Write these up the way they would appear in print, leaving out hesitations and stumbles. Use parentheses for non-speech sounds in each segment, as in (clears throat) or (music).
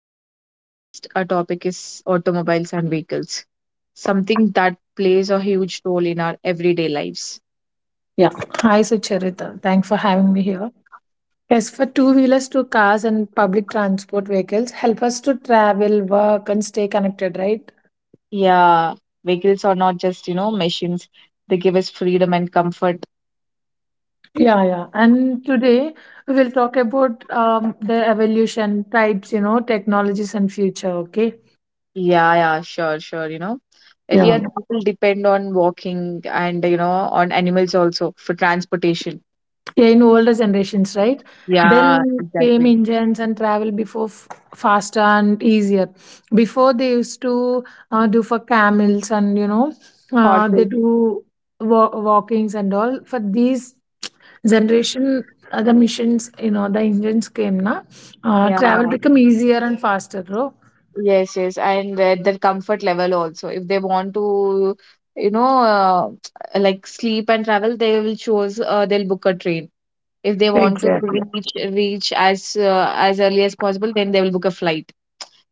today's podcast. Our topic is automobiles and vehicles, something that plays a huge role in our everyday lives. Yeah. Hi, Sucharita. Thanks for having me here. Yes, for two wheelers, two cars, and public transport vehicles help us to travel, work, and stay connected, right? Yeah, vehicles are not just, machines. They give us freedom and comfort. Yeah, yeah. And today we will talk about the evolution, types, you know, technologies, and future, okay? Yeah, yeah, sure, sure, Earlier, Yeah. people depend on walking and, on animals also for transportation. Yeah, in older generations, right? Yeah, Then came exactly. engines and travel before faster and easier. Before they used to do for camels, and you know they Horses. do walkings and all. For these generation, the missions, you know, the engines came na. Yeah. Travel become easier and faster, bro. Yes, yes, and their comfort level also. If they want to, you know, uh, (tsk) like sleep and travel, they will choose. They'll book a train. If they want to Exactly. reach as early as possible, then they will book a flight.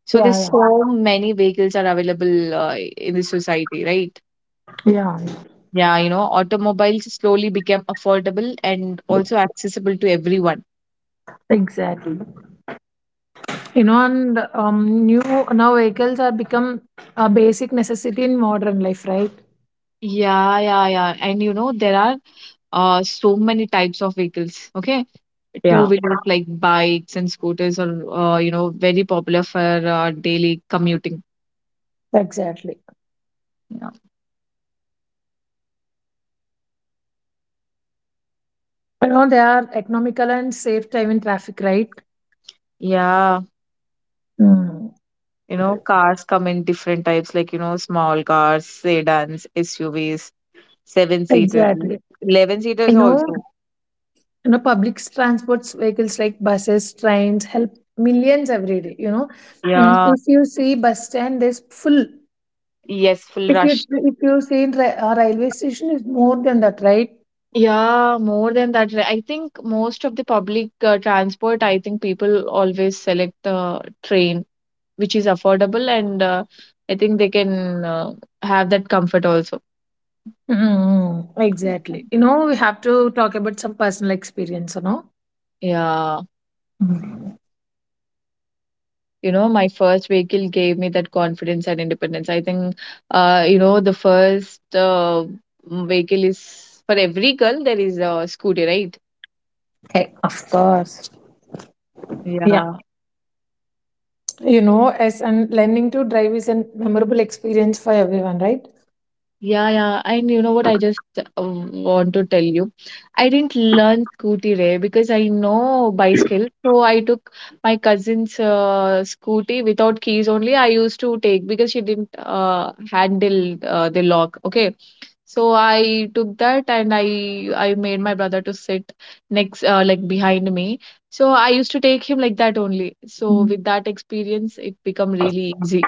So there's Yeah, yeah, so many vehicles are available in the society, right? yeah, yeah. Yeah, you know, automobiles slowly became affordable and also accessible to everyone. Exactly. You know, and new now vehicles are become a basic necessity in modern life, right? Yeah, yeah, yeah. And you know, there are so many types of vehicles. Okay. Yeah. Two-wheelers like bikes and scooters are, you know, very popular for daily commuting. Exactly. Yeah. You know, they are economical and save time in traffic, right? Yeah, Mm. you know, cars come in different types, like, you know, small cars, sedans, SUVs, seven seaters, Exactly. 11 seaters You also. know, you know, public transports vehicles like buses, trains help millions every day. You know, mm, Yeah, if you see bus stand, there's full. yes, full If you rush. if you see in railway station, is more than that, right? Yeah, more than that. Right. I think most of the public transport, I think people always select train, which is affordable, and I think they can have that comfort also. Mm. Exactly. You know, we have to talk about some personal experience. You know. Yeah, Mm. you know, my first vehicle gave me that confidence and independence. I think, you know, the first vehicle is for every girl, there is a scooty, right? Hey, of course. Yeah. Yeah. You know, as and learning to drive is a memorable experience for everyone, right? Yeah, yeah, and you know what? I just want to tell you, I didn't learn scooty ray because I know bicycle. So I took my cousin's scooty without keys only. I used to take because she didn't handle the lock. Okay, so I took that and I made my brother to sit next like behind me. So I used to take him like that only. So Mm, with that experience, it become really easy.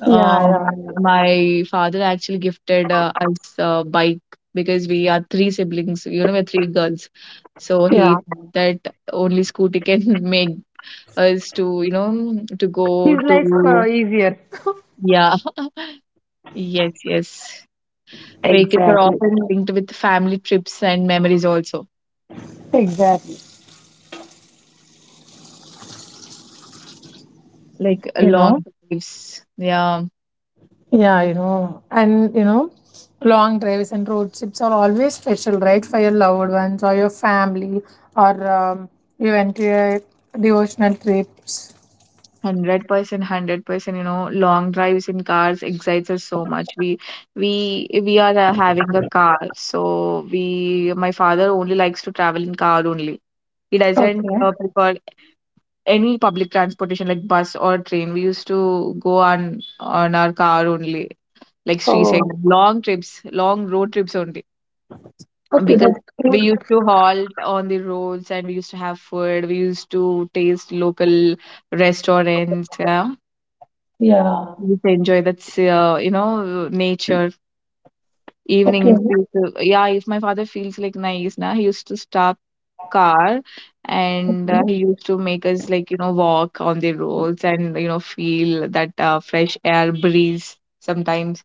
Uh, Yeah, yeah, yeah. my father actually gifted us a bike because we are three siblings, you know, we're three girls. So he Yeah, thought that only scooty can (laughs) make us to, you know, to go his life to, easier. yeah, yes, yes. Vacations are Exactly. often linked with family trips and memories also, Exactly. like You know. long drives. Yeah. Yeah, you know, and you know, long drives and road trips are always special, right? For your loved ones or your family, or you went to your devotional trips. 100%, 100%. You know, long drives in cars excites us so much. We are having a car, so we. My father only likes to travel in car only. He doesn't Okay. Prefer any public transportation like bus or train. We used to go on our car only, like street side long trips, long road trips only, because we used to halt on the roads and we used to have food. We used to taste local restaurants. Yeah, Yeah. we used to enjoy that, you know, nature Okay. evenings. We used to, yeah, if my father feels like nice na, he used to stop car and he used to make us like, you know, walk on the roads and, you know, feel that fresh air breeze sometimes.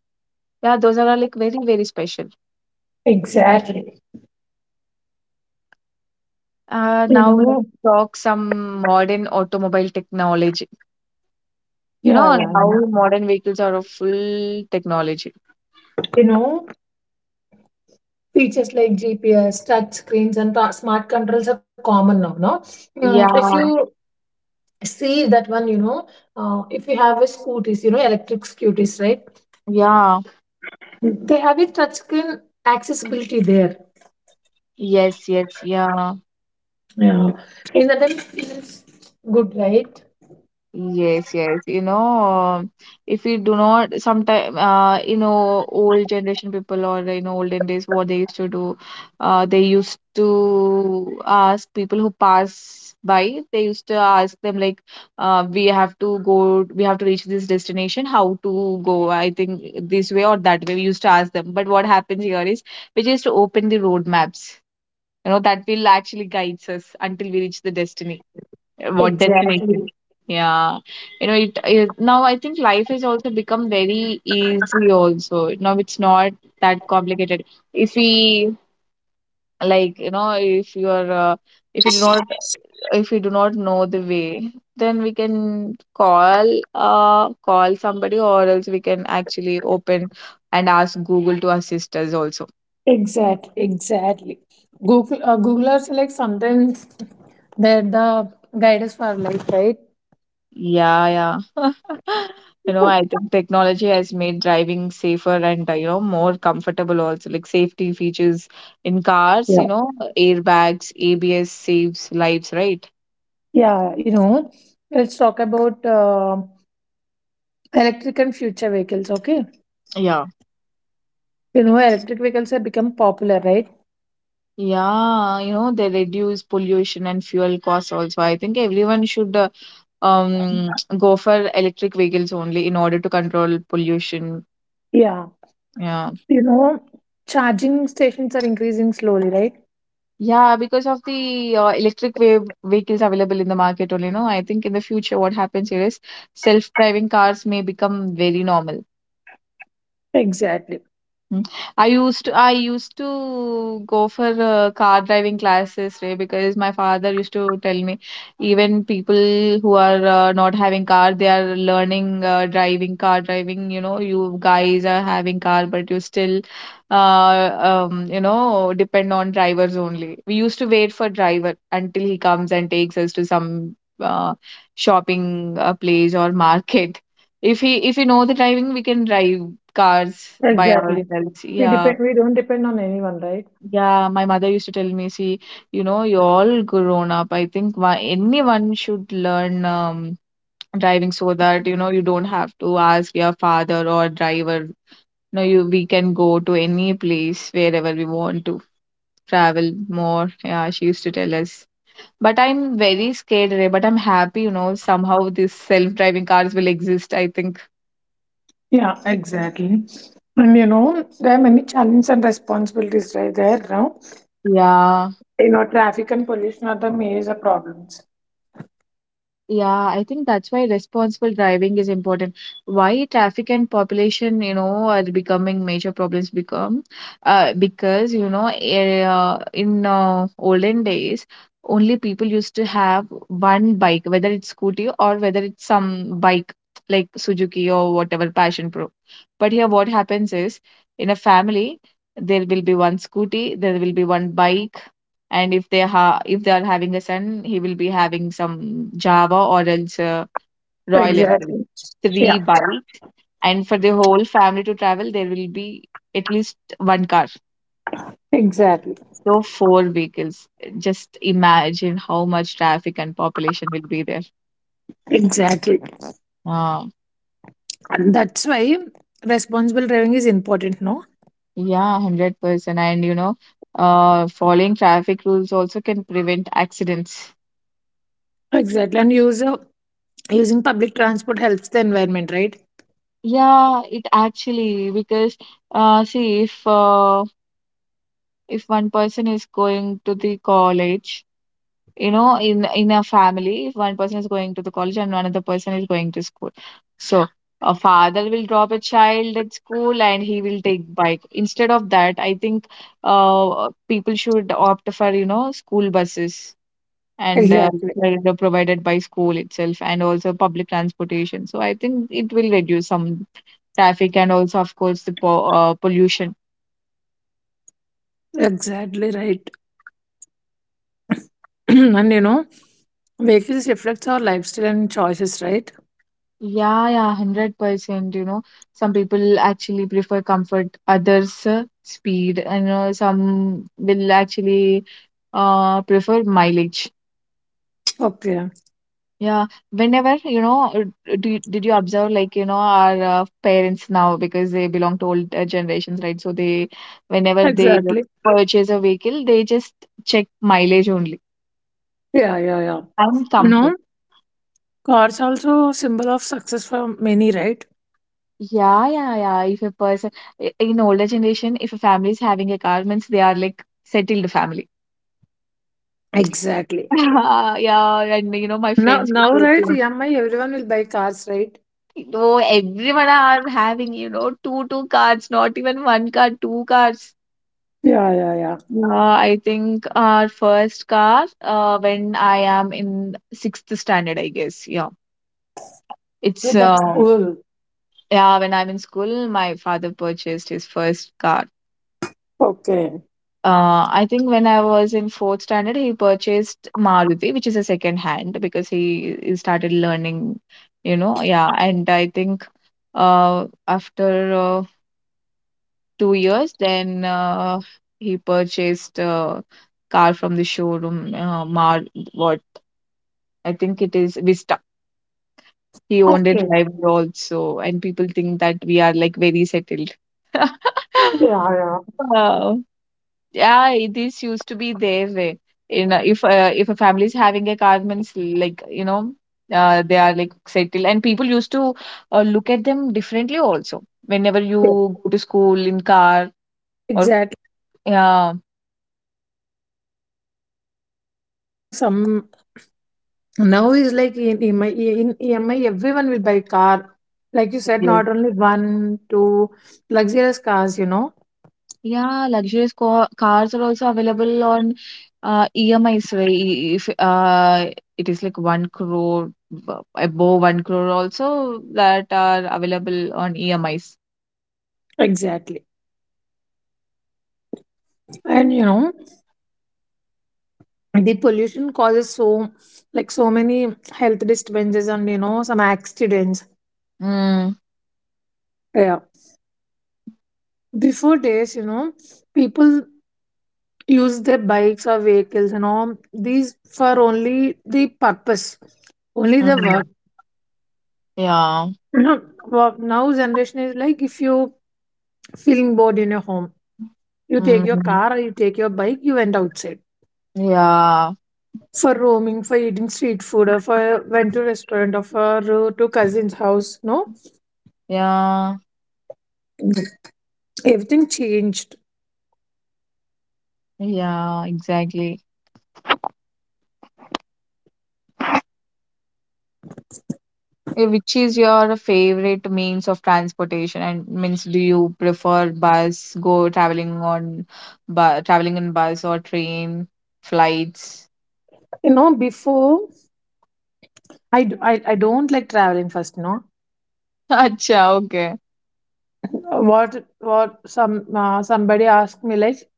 Yeah, those are all like very very special. Exactly. You Now let's know. talk some modern automobile technology, you Yeah, know, and yeah. how modern vehicles are of full technology. You know, features like GPS, touch screens, and smart controls are common now, no? Mm, if Yeah, you see that one, you know, if you have a scooters, you know, electric scooters, right? yeah, They have a touch screen accessibility there. yes, yes, yeah. Yeah, in that it feels good, right? Yes, yes. You know, if we do not, sometime, you know, old generation people or in olden days, what they used to do, they used to ask people who pass by, they used to ask them like, we have to go, we have to reach this destination, how to go? I think this way or that way. We used to ask them. But what happens here is we just open the road maps. You know, that will actually guides us until we reach the destiny, what destination. Exactly. Yeah, you know, it now I think life has also become very easy. Also now it's not that complicated. If we, like, you know, if you are if you do not, if you do not know the way, then we can call, call somebody, or else we can actually open and ask Google to assist us also. Exactly. Exactly. Google Googlers like sometimes they're the guidance for life, right? Yeah, yeah. (laughs) You know, I think technology has made driving safer and, you know, more comfortable also. Like safety features in cars, Yeah. you know, airbags, ABS saves lives, right? Yeah, you know, let's talk about electric and future vehicles, okay? Yeah. You know, electric vehicles have become popular, right? Yeah, you know, they reduce pollution and fuel costs also. I think everyone should um go for electric vehicles only in order to control pollution. Yeah. Yeah. You know, charging stations are increasing slowly, right? Yeah, because of the electric wave vehicles available in the market only, no? I think in the future what happens here is self-driving cars may become very normal. Exactly. Mm. I used to go for car driving classes, right? Because my father used to tell me, even people who are not having car, they are learning driving, car driving. You know, you guys are having car, but you still, uh, you know, depend on drivers only. We used to wait for driver until he comes and takes us to some shopping place or market. If we know the driving, we can drive cars by Exactly. ourselves. Yeah. We don't depend on anyone, right? Yeah, my mother used to tell me, see, you know, you're all grown up. I think why anyone should learn driving, so that, you know, you don't have to ask your father or driver. No, you we can go to any place wherever we want to travel more. Yeah, she used to tell us. But I'm very scared, Ray, but I'm happy, you know, somehow these self-driving cars will exist, I think. Yeah, exactly. And you know, there are many challenges and responsibilities right there, now. Yeah. You know, traffic and pollution are the major problems. Yeah, I think that's why responsible driving is important. Why traffic and population, are becoming major problems become because in olden days only people used to have one bike, whether it's scooty or whether it's some bike like Suzuki or whatever Passion Pro. But here, what happens is in a family there will be one scooty, there will be one bike, and if they are having a son, he will be having some java, or else Royal Enfield Exactly. three Yeah, bike. And for the whole family to travel there will be at least one car. exactly. So four vehicles, just imagine how much traffic and population will be there. Exactly. uh, And that's why responsible driving is important, no? yeah, 100%, and you know, following traffic rules also can prevent accidents. Exactly. And user using public transport helps the environment, right? Yeah, it actually, because see, if one person is going to the college, you know, in a family, if one person is going to the college and another person is going to school. So a father will drop a child at school and he will take bike. Instead of that I think people should opt for, you know, school buses and Exactly. that are provided by school itself and also public transportation. So I think it will reduce some traffic and also of course the pollution. Exactly right. (clears throat) And you know, vehicles reflects our lifestyle and choices, right? Yeah, yeah, 100%. You know, some people actually prefer comfort, others speed, and you know, some will actually prefer mileage. Okay. Yeah, whenever, you know, did you observe like, you know, our parents now, because they belong to old generations, right? So they, whenever they Exactly. purchase a vehicle, they just check mileage only Yeah, yeah, yeah. and You comfort. know, cars also symbol of success for many, right? Yeah, yeah, yeah. If a person, in older generation, if a family is having a car, means they are like settled family. Exactly. (laughs) Yeah, and you know, my Now, friends now, used right? to EMI, everyone will buy cars, right? think, no, everyone are having, you know, two cars, not even one car, two cars. Yeah, yeah, yeah. Yeah, I think our first car, when I am in sixth standard, I guess. Yeah, Yeah, it's that's cool. yeah, when I'm in school, my father purchased his first car. Okay. I think when I was in fourth standard, he purchased Maruti, which is a second hand because he started learning, you know. Yeah, and I think after 2 years, then he purchased a car from the showroom, Mar. What, I think it is Vista. He owned a Okay. driver also, and people think that we are like very settled. (laughs) Yeah, yeah. Uh, yeah, this used to be their way. You know, if a family is having a car, means like, you know, they are like settled, and people used to look at them differently also. Whenever you Yeah. go to school in car or Exactly. yeah. You know, some now is like in EMI, everyone will buy car. Like you said, Yes. not only one, two luxurious cars, you know. Yeah, luxurious ca cars are also available on EMIs, where if it is like one crore, above one crore also, that are available on EMIs. Exactly. And you know, the pollution causes so like so many health disturbances, and you know, some accidents. Mm, Yeah. Before days, you know, people use their bikes or vehicles and all these for only the purpose, only the mm. work. (clears throat) Yeah. Now, now generation is like if you feeling bored in your home, you take your Mm, car or you take your bike, you went outside yeah, for roaming, for eating street food, or for went to restaurant, or for to cousin's house. No, yeah, everything changed. yeah, exactly. Eh, which is your favorite means of transportation? And means, do you prefer bus, go traveling on, bu traveling in bus or train, flights? You know, before I don't like traveling first. No, (laughs) Acha, okay. what some somebody asked me like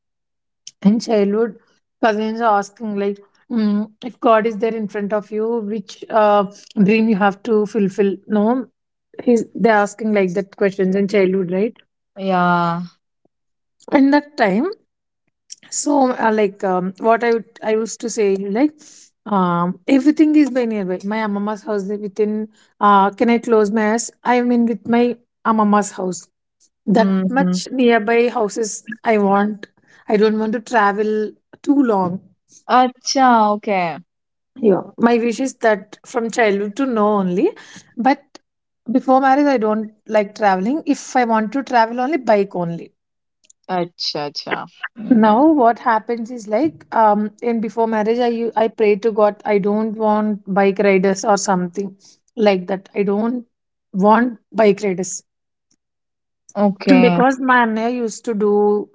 in childhood, cousins are asking like. Mm, if God is there in front of you, which dream you have to fulfill? No, he's they're asking like that questions in childhood, right? Yeah. In that time, so, like, what I used to say, like, everything is by nearby. My mama's house is within. Can I close my eyes? I mean, with my mama's house, that Mm. much nearby houses I want. I don't want to travel too long. Acha, okay. Yeah, my wish is that from childhood to now only, but before marriage, I don't like traveling. If I want to travel, only bike only. Acha, acha. Mm, Now what happens is like, in before marriage, I pray to God, I don't want bike riders or something like that, I don't want bike riders. (clears throat) okay. Because my Anna used to do,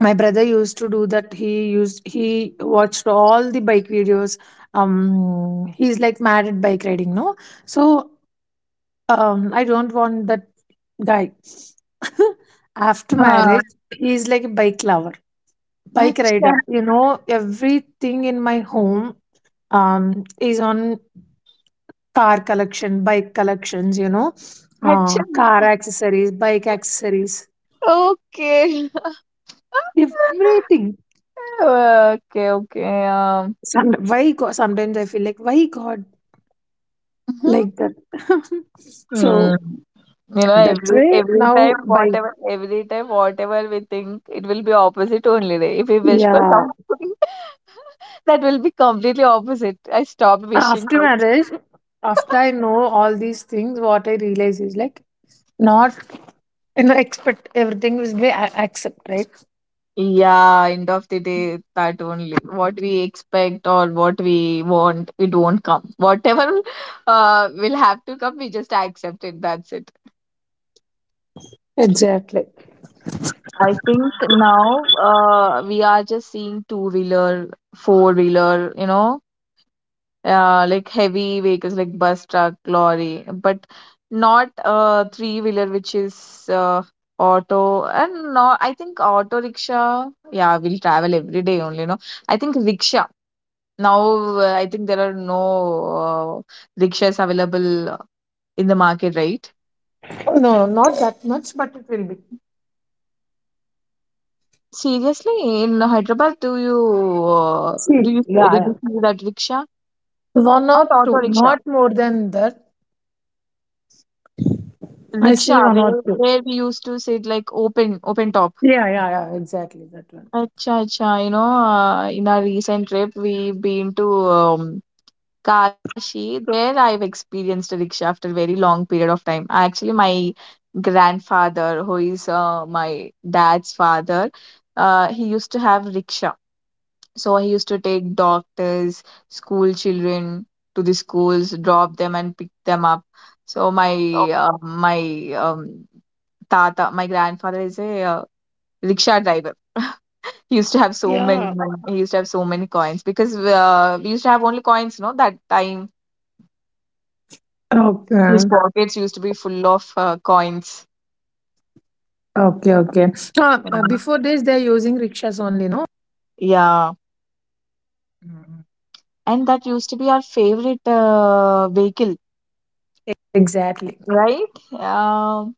my brother used to do that, he watched all the bike videos, he's like mad at bike riding, no? So I don't want that guy. (laughs) After Ah, marriage he's like a bike lover, bike acha, rider. You know, everything in my home is on car collection, bike collections, you know, acha. car accessories, bike accessories, Okay. (laughs) everything. Okay, okay. Some, why God, sometimes I feel like, why God like (laughs) that? (laughs) Mm. So You know, that's every why every time now bike. whatever every time whatever we think, it will be opposite only. Day. If we wish for Yeah. something, (laughs) that will be completely opposite. I stopped wishing. After For- marriage, after I know all these things, what I realize is like, not, you know, expect everything will be accept, right? Yeah, end of the day, that only. What we expect or what we want, it won't come. Whatever will have to come, we just accept it. That's it. Exactly. I think now we are just seeing two wheeler, four wheeler, you know, like heavy vehicles like bus, truck, lorry, but not a three wheeler, which is auto and no. I think auto rickshaw, yeah, will travel every day only. No, I think rickshaw now. I think there are no rickshaws available in the market, right? No, not that much, but it will be. Seriously, in Hyderabad, do you uh, do See, you yeah, did yeah. you see that rickshaw? One Not or auto two, rickshaw, not more than that. I see rickshaw one or where two. where we used to sit like open top. Yeah, yeah, yeah, exactly that one. Acha, acha. You know, in our recent trip, we've been to Kashi. There, I've experienced a rickshaw after a very long period of time. Actually, my grandfather, who is my dad's father, he used to have rickshaw. So he used to take doctors, school children to the schools, drop them and pick them up. So my tata, my grandfather is a rickshaw driver. He used to have so many. He used to have so many coins because we used to have only coins. No, that time his Okay. pockets used to be full of coins. Okay, okay. So, You know. before this, they're using rickshaws. Yeah, and that used to be our favorite vehicle, right?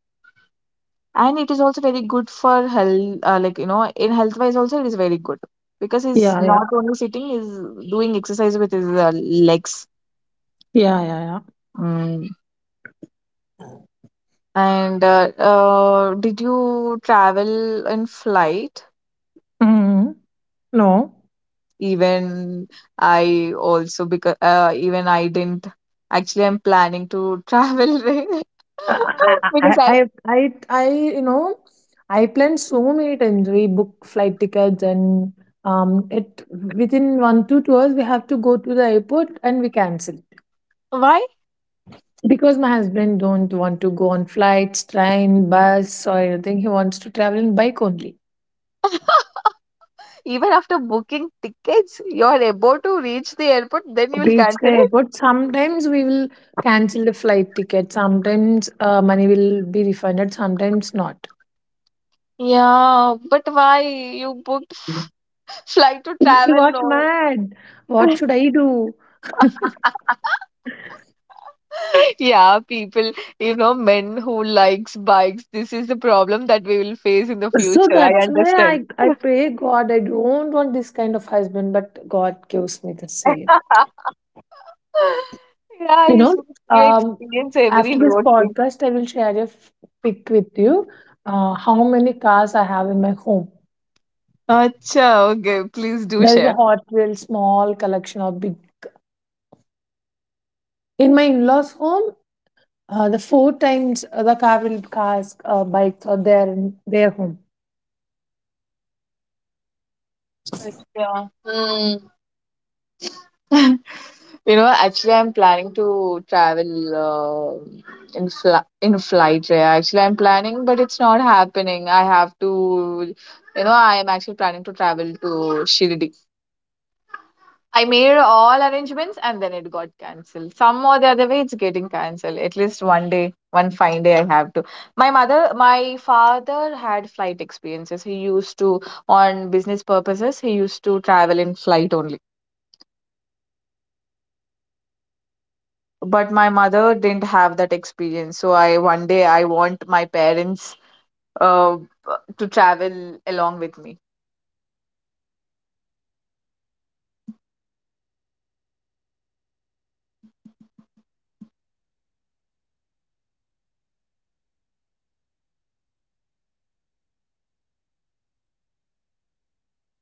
And it is also very good for health. Like you know, in health wise also it is very good because he's Yeah, yeah, not only sitting, he's doing exercise with his legs. yeah, yeah, yeah. Mm. And did you travel in flight? Mm, no, Even I also because even I didn't actually I'm planning to travel (laughs) I, I, because I, I I, I, I, you know, I planned so many times. We book flight tickets, and it within 1 to 2 hours we have to go to the airport and we cancel why because my husband don't want to go on flights, train, bus or anything. He wants to travel in bike only. (laughs) even after booking tickets you're about to reach the airport then you'll Reach the cancel it airport. Sometimes we will cancel the flight ticket. Sometimes money will be refunded. Sometimes not. yeah but why you booked flight to He travel got mad. What no should I do? (laughs) yeah people you know men who likes bikes this is the problem that we will face in the So future I that's understand why I pray God, I don't want this kind of husband, but God gives me the same. (laughs) Yeah, You you know, said you um, experience every after this road trip. podcast, I will share a pic with you, how many cars I have in my home. Acha, okay, please do There is a share. Hot Wheels small collection or big. In my in laws' home, the four times the cars, bikes are there in their home. Yeah. Hmm. (laughs) You know, actually, I'm planning to travel in flight. Yeah, actually, I'm planning, but it's not happening. I have to, you know, I am actually planning to travel to Shirdi. I made all arrangements and then it got cancelled. Some or the other way, it's getting cancelled. At least one day, one fine day, I have to. My mother, my father had flight experiences. He used to, on business purposes, he used to travel in flight only. But my mother didn't have that experience. So I, one day, I want my parents uh, to travel along with me.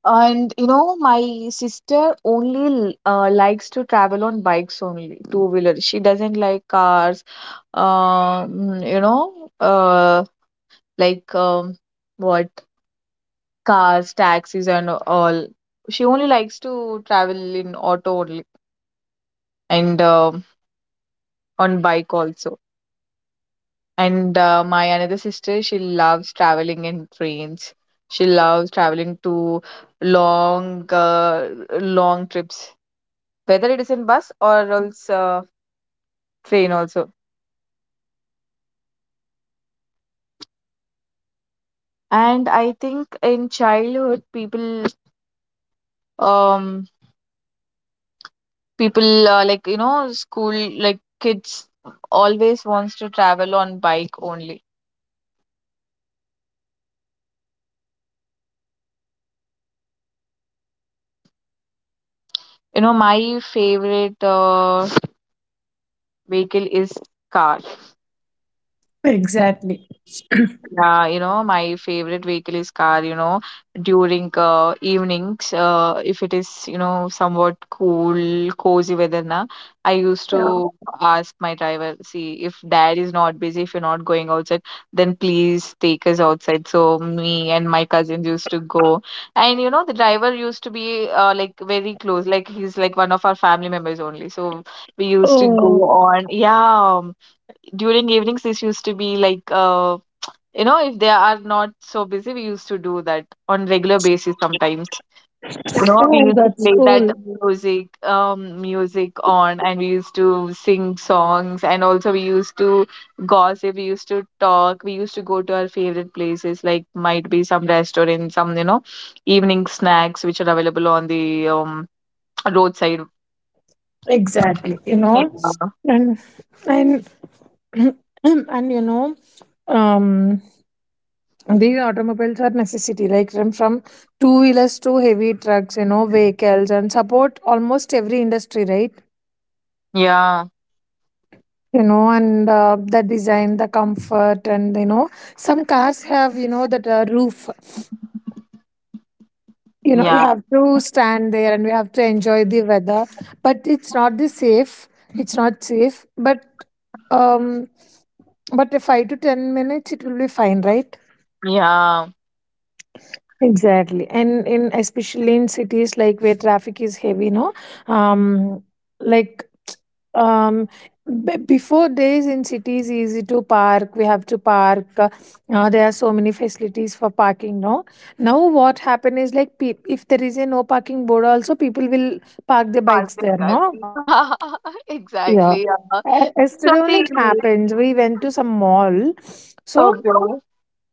And you know, my sister only likes to travel on bikes only, two wheeler. She doesn't like cars. You know, like what cars, taxis, and all. She only likes to travel in auto only and on bike also. And my another sister, she loves traveling in trains. She loves traveling to long, uh, long trips whether it is in bus or else train also. And I think in childhood, um, people like you know, school like kids always wants to travel on bike only. You know, my favorite vehicle is car. Yeah, you know, my favorite vehicle is car, you know, during evenings, if it is, you know, somewhat cool, cozy weather na, I used Yeah. to ask my driver, see, if dad is not busy, if you're not going outside, then please take us outside. So me and my cousins used to go. And you know, the driver used to be like very close, like he's like one of our family members only. So we used to go Oh, on, yeah, during evenings this used to be like you know if they are not so busy we used to do that on regular basis sometimes you know we oh, used to that's play that cool. music on and we used to sing songs and also we used to gossip we used to talk we used to go to our favorite places like might be some restaurant some you know evening snacks which are available on the roadside Exactly. You yeah know, and and (clears throat) and you know, um, these automobiles are necessity, like from two wheelers to heavy trucks. You know, vehicles and support almost every industry, right? yeah You know, and the design, the comfort, and you know, some cars have you know that roof. You know, we yeah, have to stand there and we have to enjoy the weather, but it's not the safe, it's not safe, um but the 5 to 10 minutes it will be fine, right? yeah. Exactly, and in especially in cities like where traffic is heavy, no, um, like um before days in cities easy to park, we have to park there are so many facilities for parking, no? Now what happen is like, if there is a no parking board also people will park their bikes Parcel there, cart. no? Yeah, (laughs) Yeah. exactly. Yeah. Because Yesterday of only it the happens, we went to some mall, so Okay.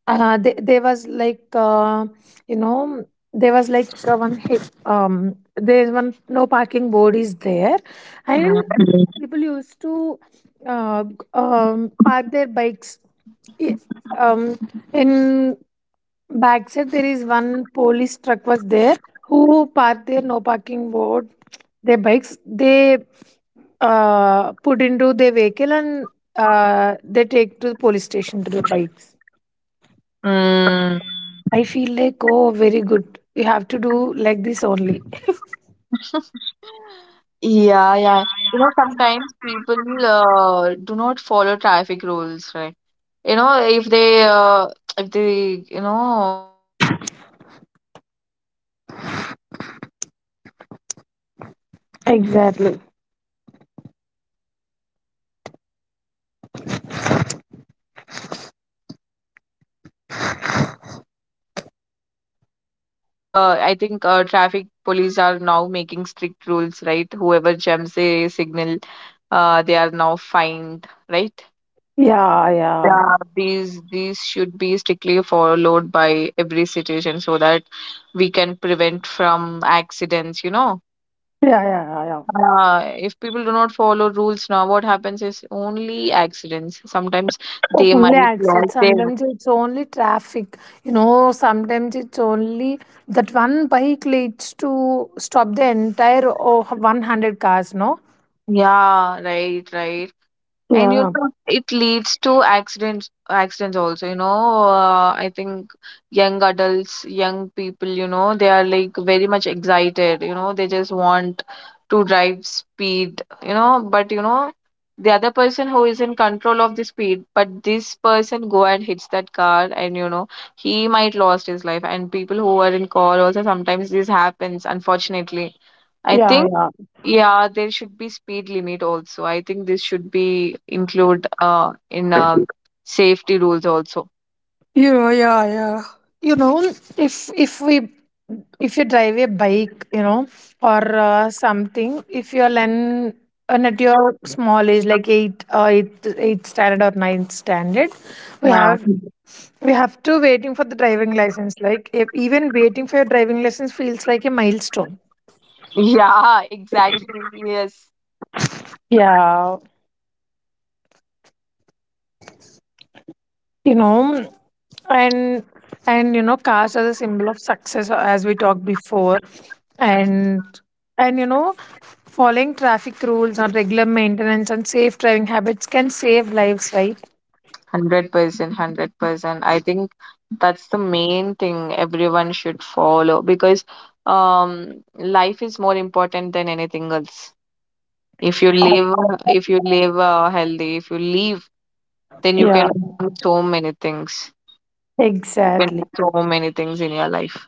they, there was like you know there was like one hit um there's one no parking board is there, and Mm. people used to park their bikes. I- um in backside there is one police truck was there, who parked their no parking board, their bikes, they put into their vehicle, and they take to the police station to the bikes. Mm. I feel like, oh, very good. You have to do like this only. Yeah, yeah. You know, sometimes people do not follow traffic rules, right? You know, if they, you know, if the signal shows red, they must stop. But what do they do? There are no vehicles now. They will just cross Exactly. they will actually jump the signal. They will not follow rules sometimes. I think traffic police are now making strict rules, right? Whoever jumps a signal, they are now fined, right? Yeah, yeah. Yeah, these should be strictly followed by every citizen so that we can prevent from accidents, you know. Yeah, yeah, yeah, yeah. If people do not follow rules now, what happens is only accidents. Sometimes they might Only lost accidents. their Sometimes it's only traffic. You know, sometimes it's only that one bike leads to stop the entire oh, 100 cars, no? yeah, right, right. And you Yeah, know, it leads to accidents also, you know. I think young adults, young people, you know, they are like very much excited, you know, they just want to drive speed, you know, but you know, the other person who is in control of the speed, but this person go and hits that car and you know, he might lost his life. And people who are in car also sometimes this happens, unfortunately. I yeah, think yeah. yeah, there should be speed limit also. I think this should be include in safety rules also. Yeah, yeah, yeah. You know, if we, if you drive a bike, you know, or something, if you're and at your small age like eight, eight standard or ninth standard, we Yeah. have, we have to waiting for the driving license, like if, even waiting for your driving license feels like a milestone. Yeah, exactly. Yes. Yeah. You know, and and you know, caste as a symbol of success, as we talked before, and and you know, following traffic rules or regular maintenance and safe driving habits can save lives, right? 100%, 100%. I think that's the main thing everyone should follow because life is more important than anything else. If you Oh, live if you live healthy, if you live, then you yeah, can do so many things. You can do exactly. so many things in your life.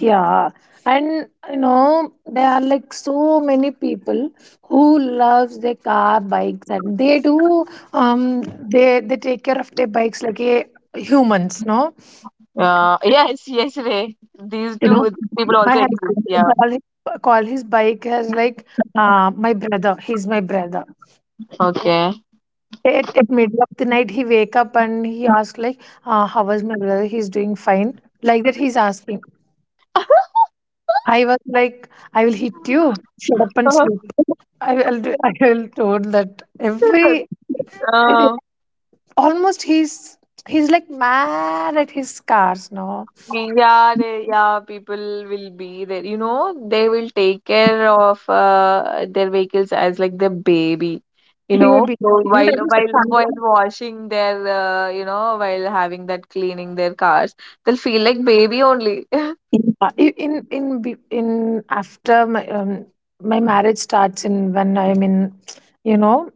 Yeah, and you know, there are like so many people who loves their car bikes, and they do um they take care of their bikes like a humans, no? (laughs) Yes, yes, Ray. These You know, two people my also exist. husband (laughs) Yeah. Call his bike as like my brother. He's my brother. Okay. It middle of the night he wake up and he asked like, how was my brother? He's doing fine. Like that he's asking. (laughs) I was like, I will hit you. Shut up and sleep. (laughs) I will told that every, Um, almost he's like mad at his cars now. yeah, they, yeah, people will be there. You know, they will take care of their vehicles as like their baby. You know, Baby. so while washing their, you know, while having that cleaning their cars, they'll feel like baby only. (laughs) I- in be- in After my my marriage starts in when I'm in, you know,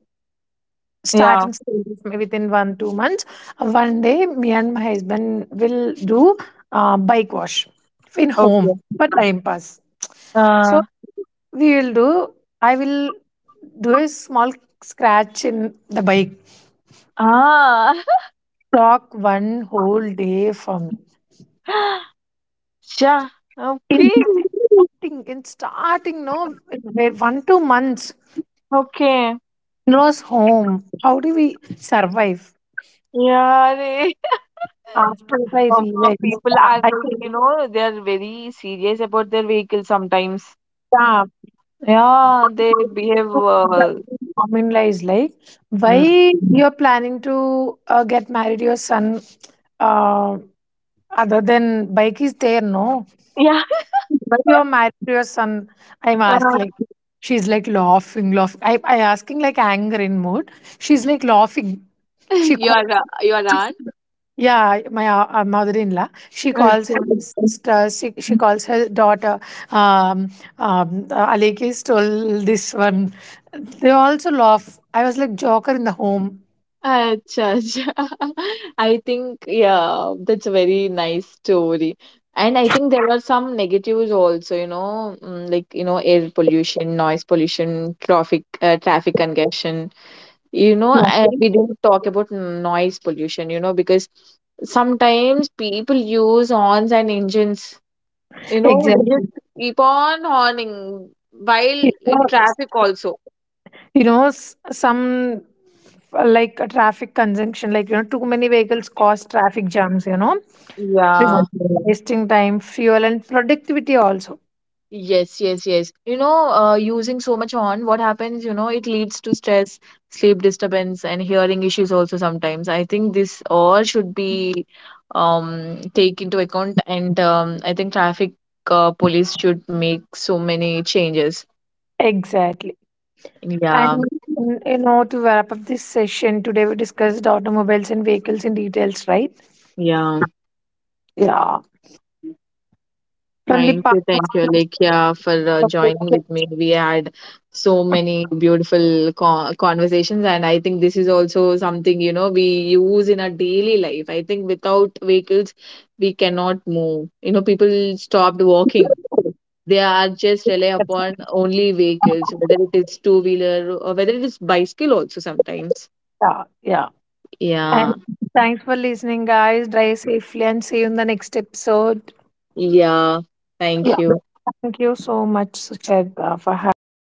Yeah. starting stages may within 1 2 months. One day, me and my husband will do bike wash in Okay. home for time pass. Uh, So we will do. I will do a small scratch in the bike. ah. Talk one whole day for me. (laughs) Sure. In Okay. starting, no, wait 1 2 months Okay. in-laws home. How do we survive Yeah. they- (laughs) after I realized people are I like, think, you know, they are very serious about their vehicle sometimes. yeah. Yeah, they behave. Common lies like, Mm. why you're planning to get married your son, uh, other than bike is there, no, Yeah, why you're married to your son, I'm (laughs) asked uh, like. She's like laughing, I asking like anger in mood, she's like laughing. She called. You are right. Yeah, my mother-in-law. She calls her okay. sister. She calls her daughter. Um, Aleki stole this one. They also laugh. I was like joker in the home. Acha, acha. (laughs) I think yeah, that's a very nice story. And I think there are some negatives also, you know, mm, like you know, air pollution, noise pollution, traffic congestion. You know, I, Yeah. we didn't talk about noise pollution, you know, because sometimes people use horns and engines, you know, they just Exactly. keep on horning while You in know, traffic also. Some like a traffic conjunction, like you know, too many vehicles cause traffic jams. You know, Yeah. exactly, wasting time, fuel, and productivity also. Yes, yes, yes. You know, using so much horn, what happens, you know, it leads to stress, sleep disturbance, and hearing issues also sometimes. I think this all should be take into account, and I think traffic police should make so many changes. Exactly. And Yeah, mm, you know, to wrap up this session, today we discussed automobiles and vehicles in details, right? yeah. Yeah. From the Thank past you, to Alekhya, for the joining with me. We had so many beautiful conversations, and I think this is also something you know we use in our daily life. I think without vehicles, we cannot move. You know, people stopped walking. They are just rely present. upon only vehicles, whether it is two wheeler or whether it is bicycle also sometimes. Yeah, yeah. And Yeah, thanks for listening, guys. Drive safely and see you in the next episode. yeah. Yeah. Thank you. Thank you so much, Suchet, for having me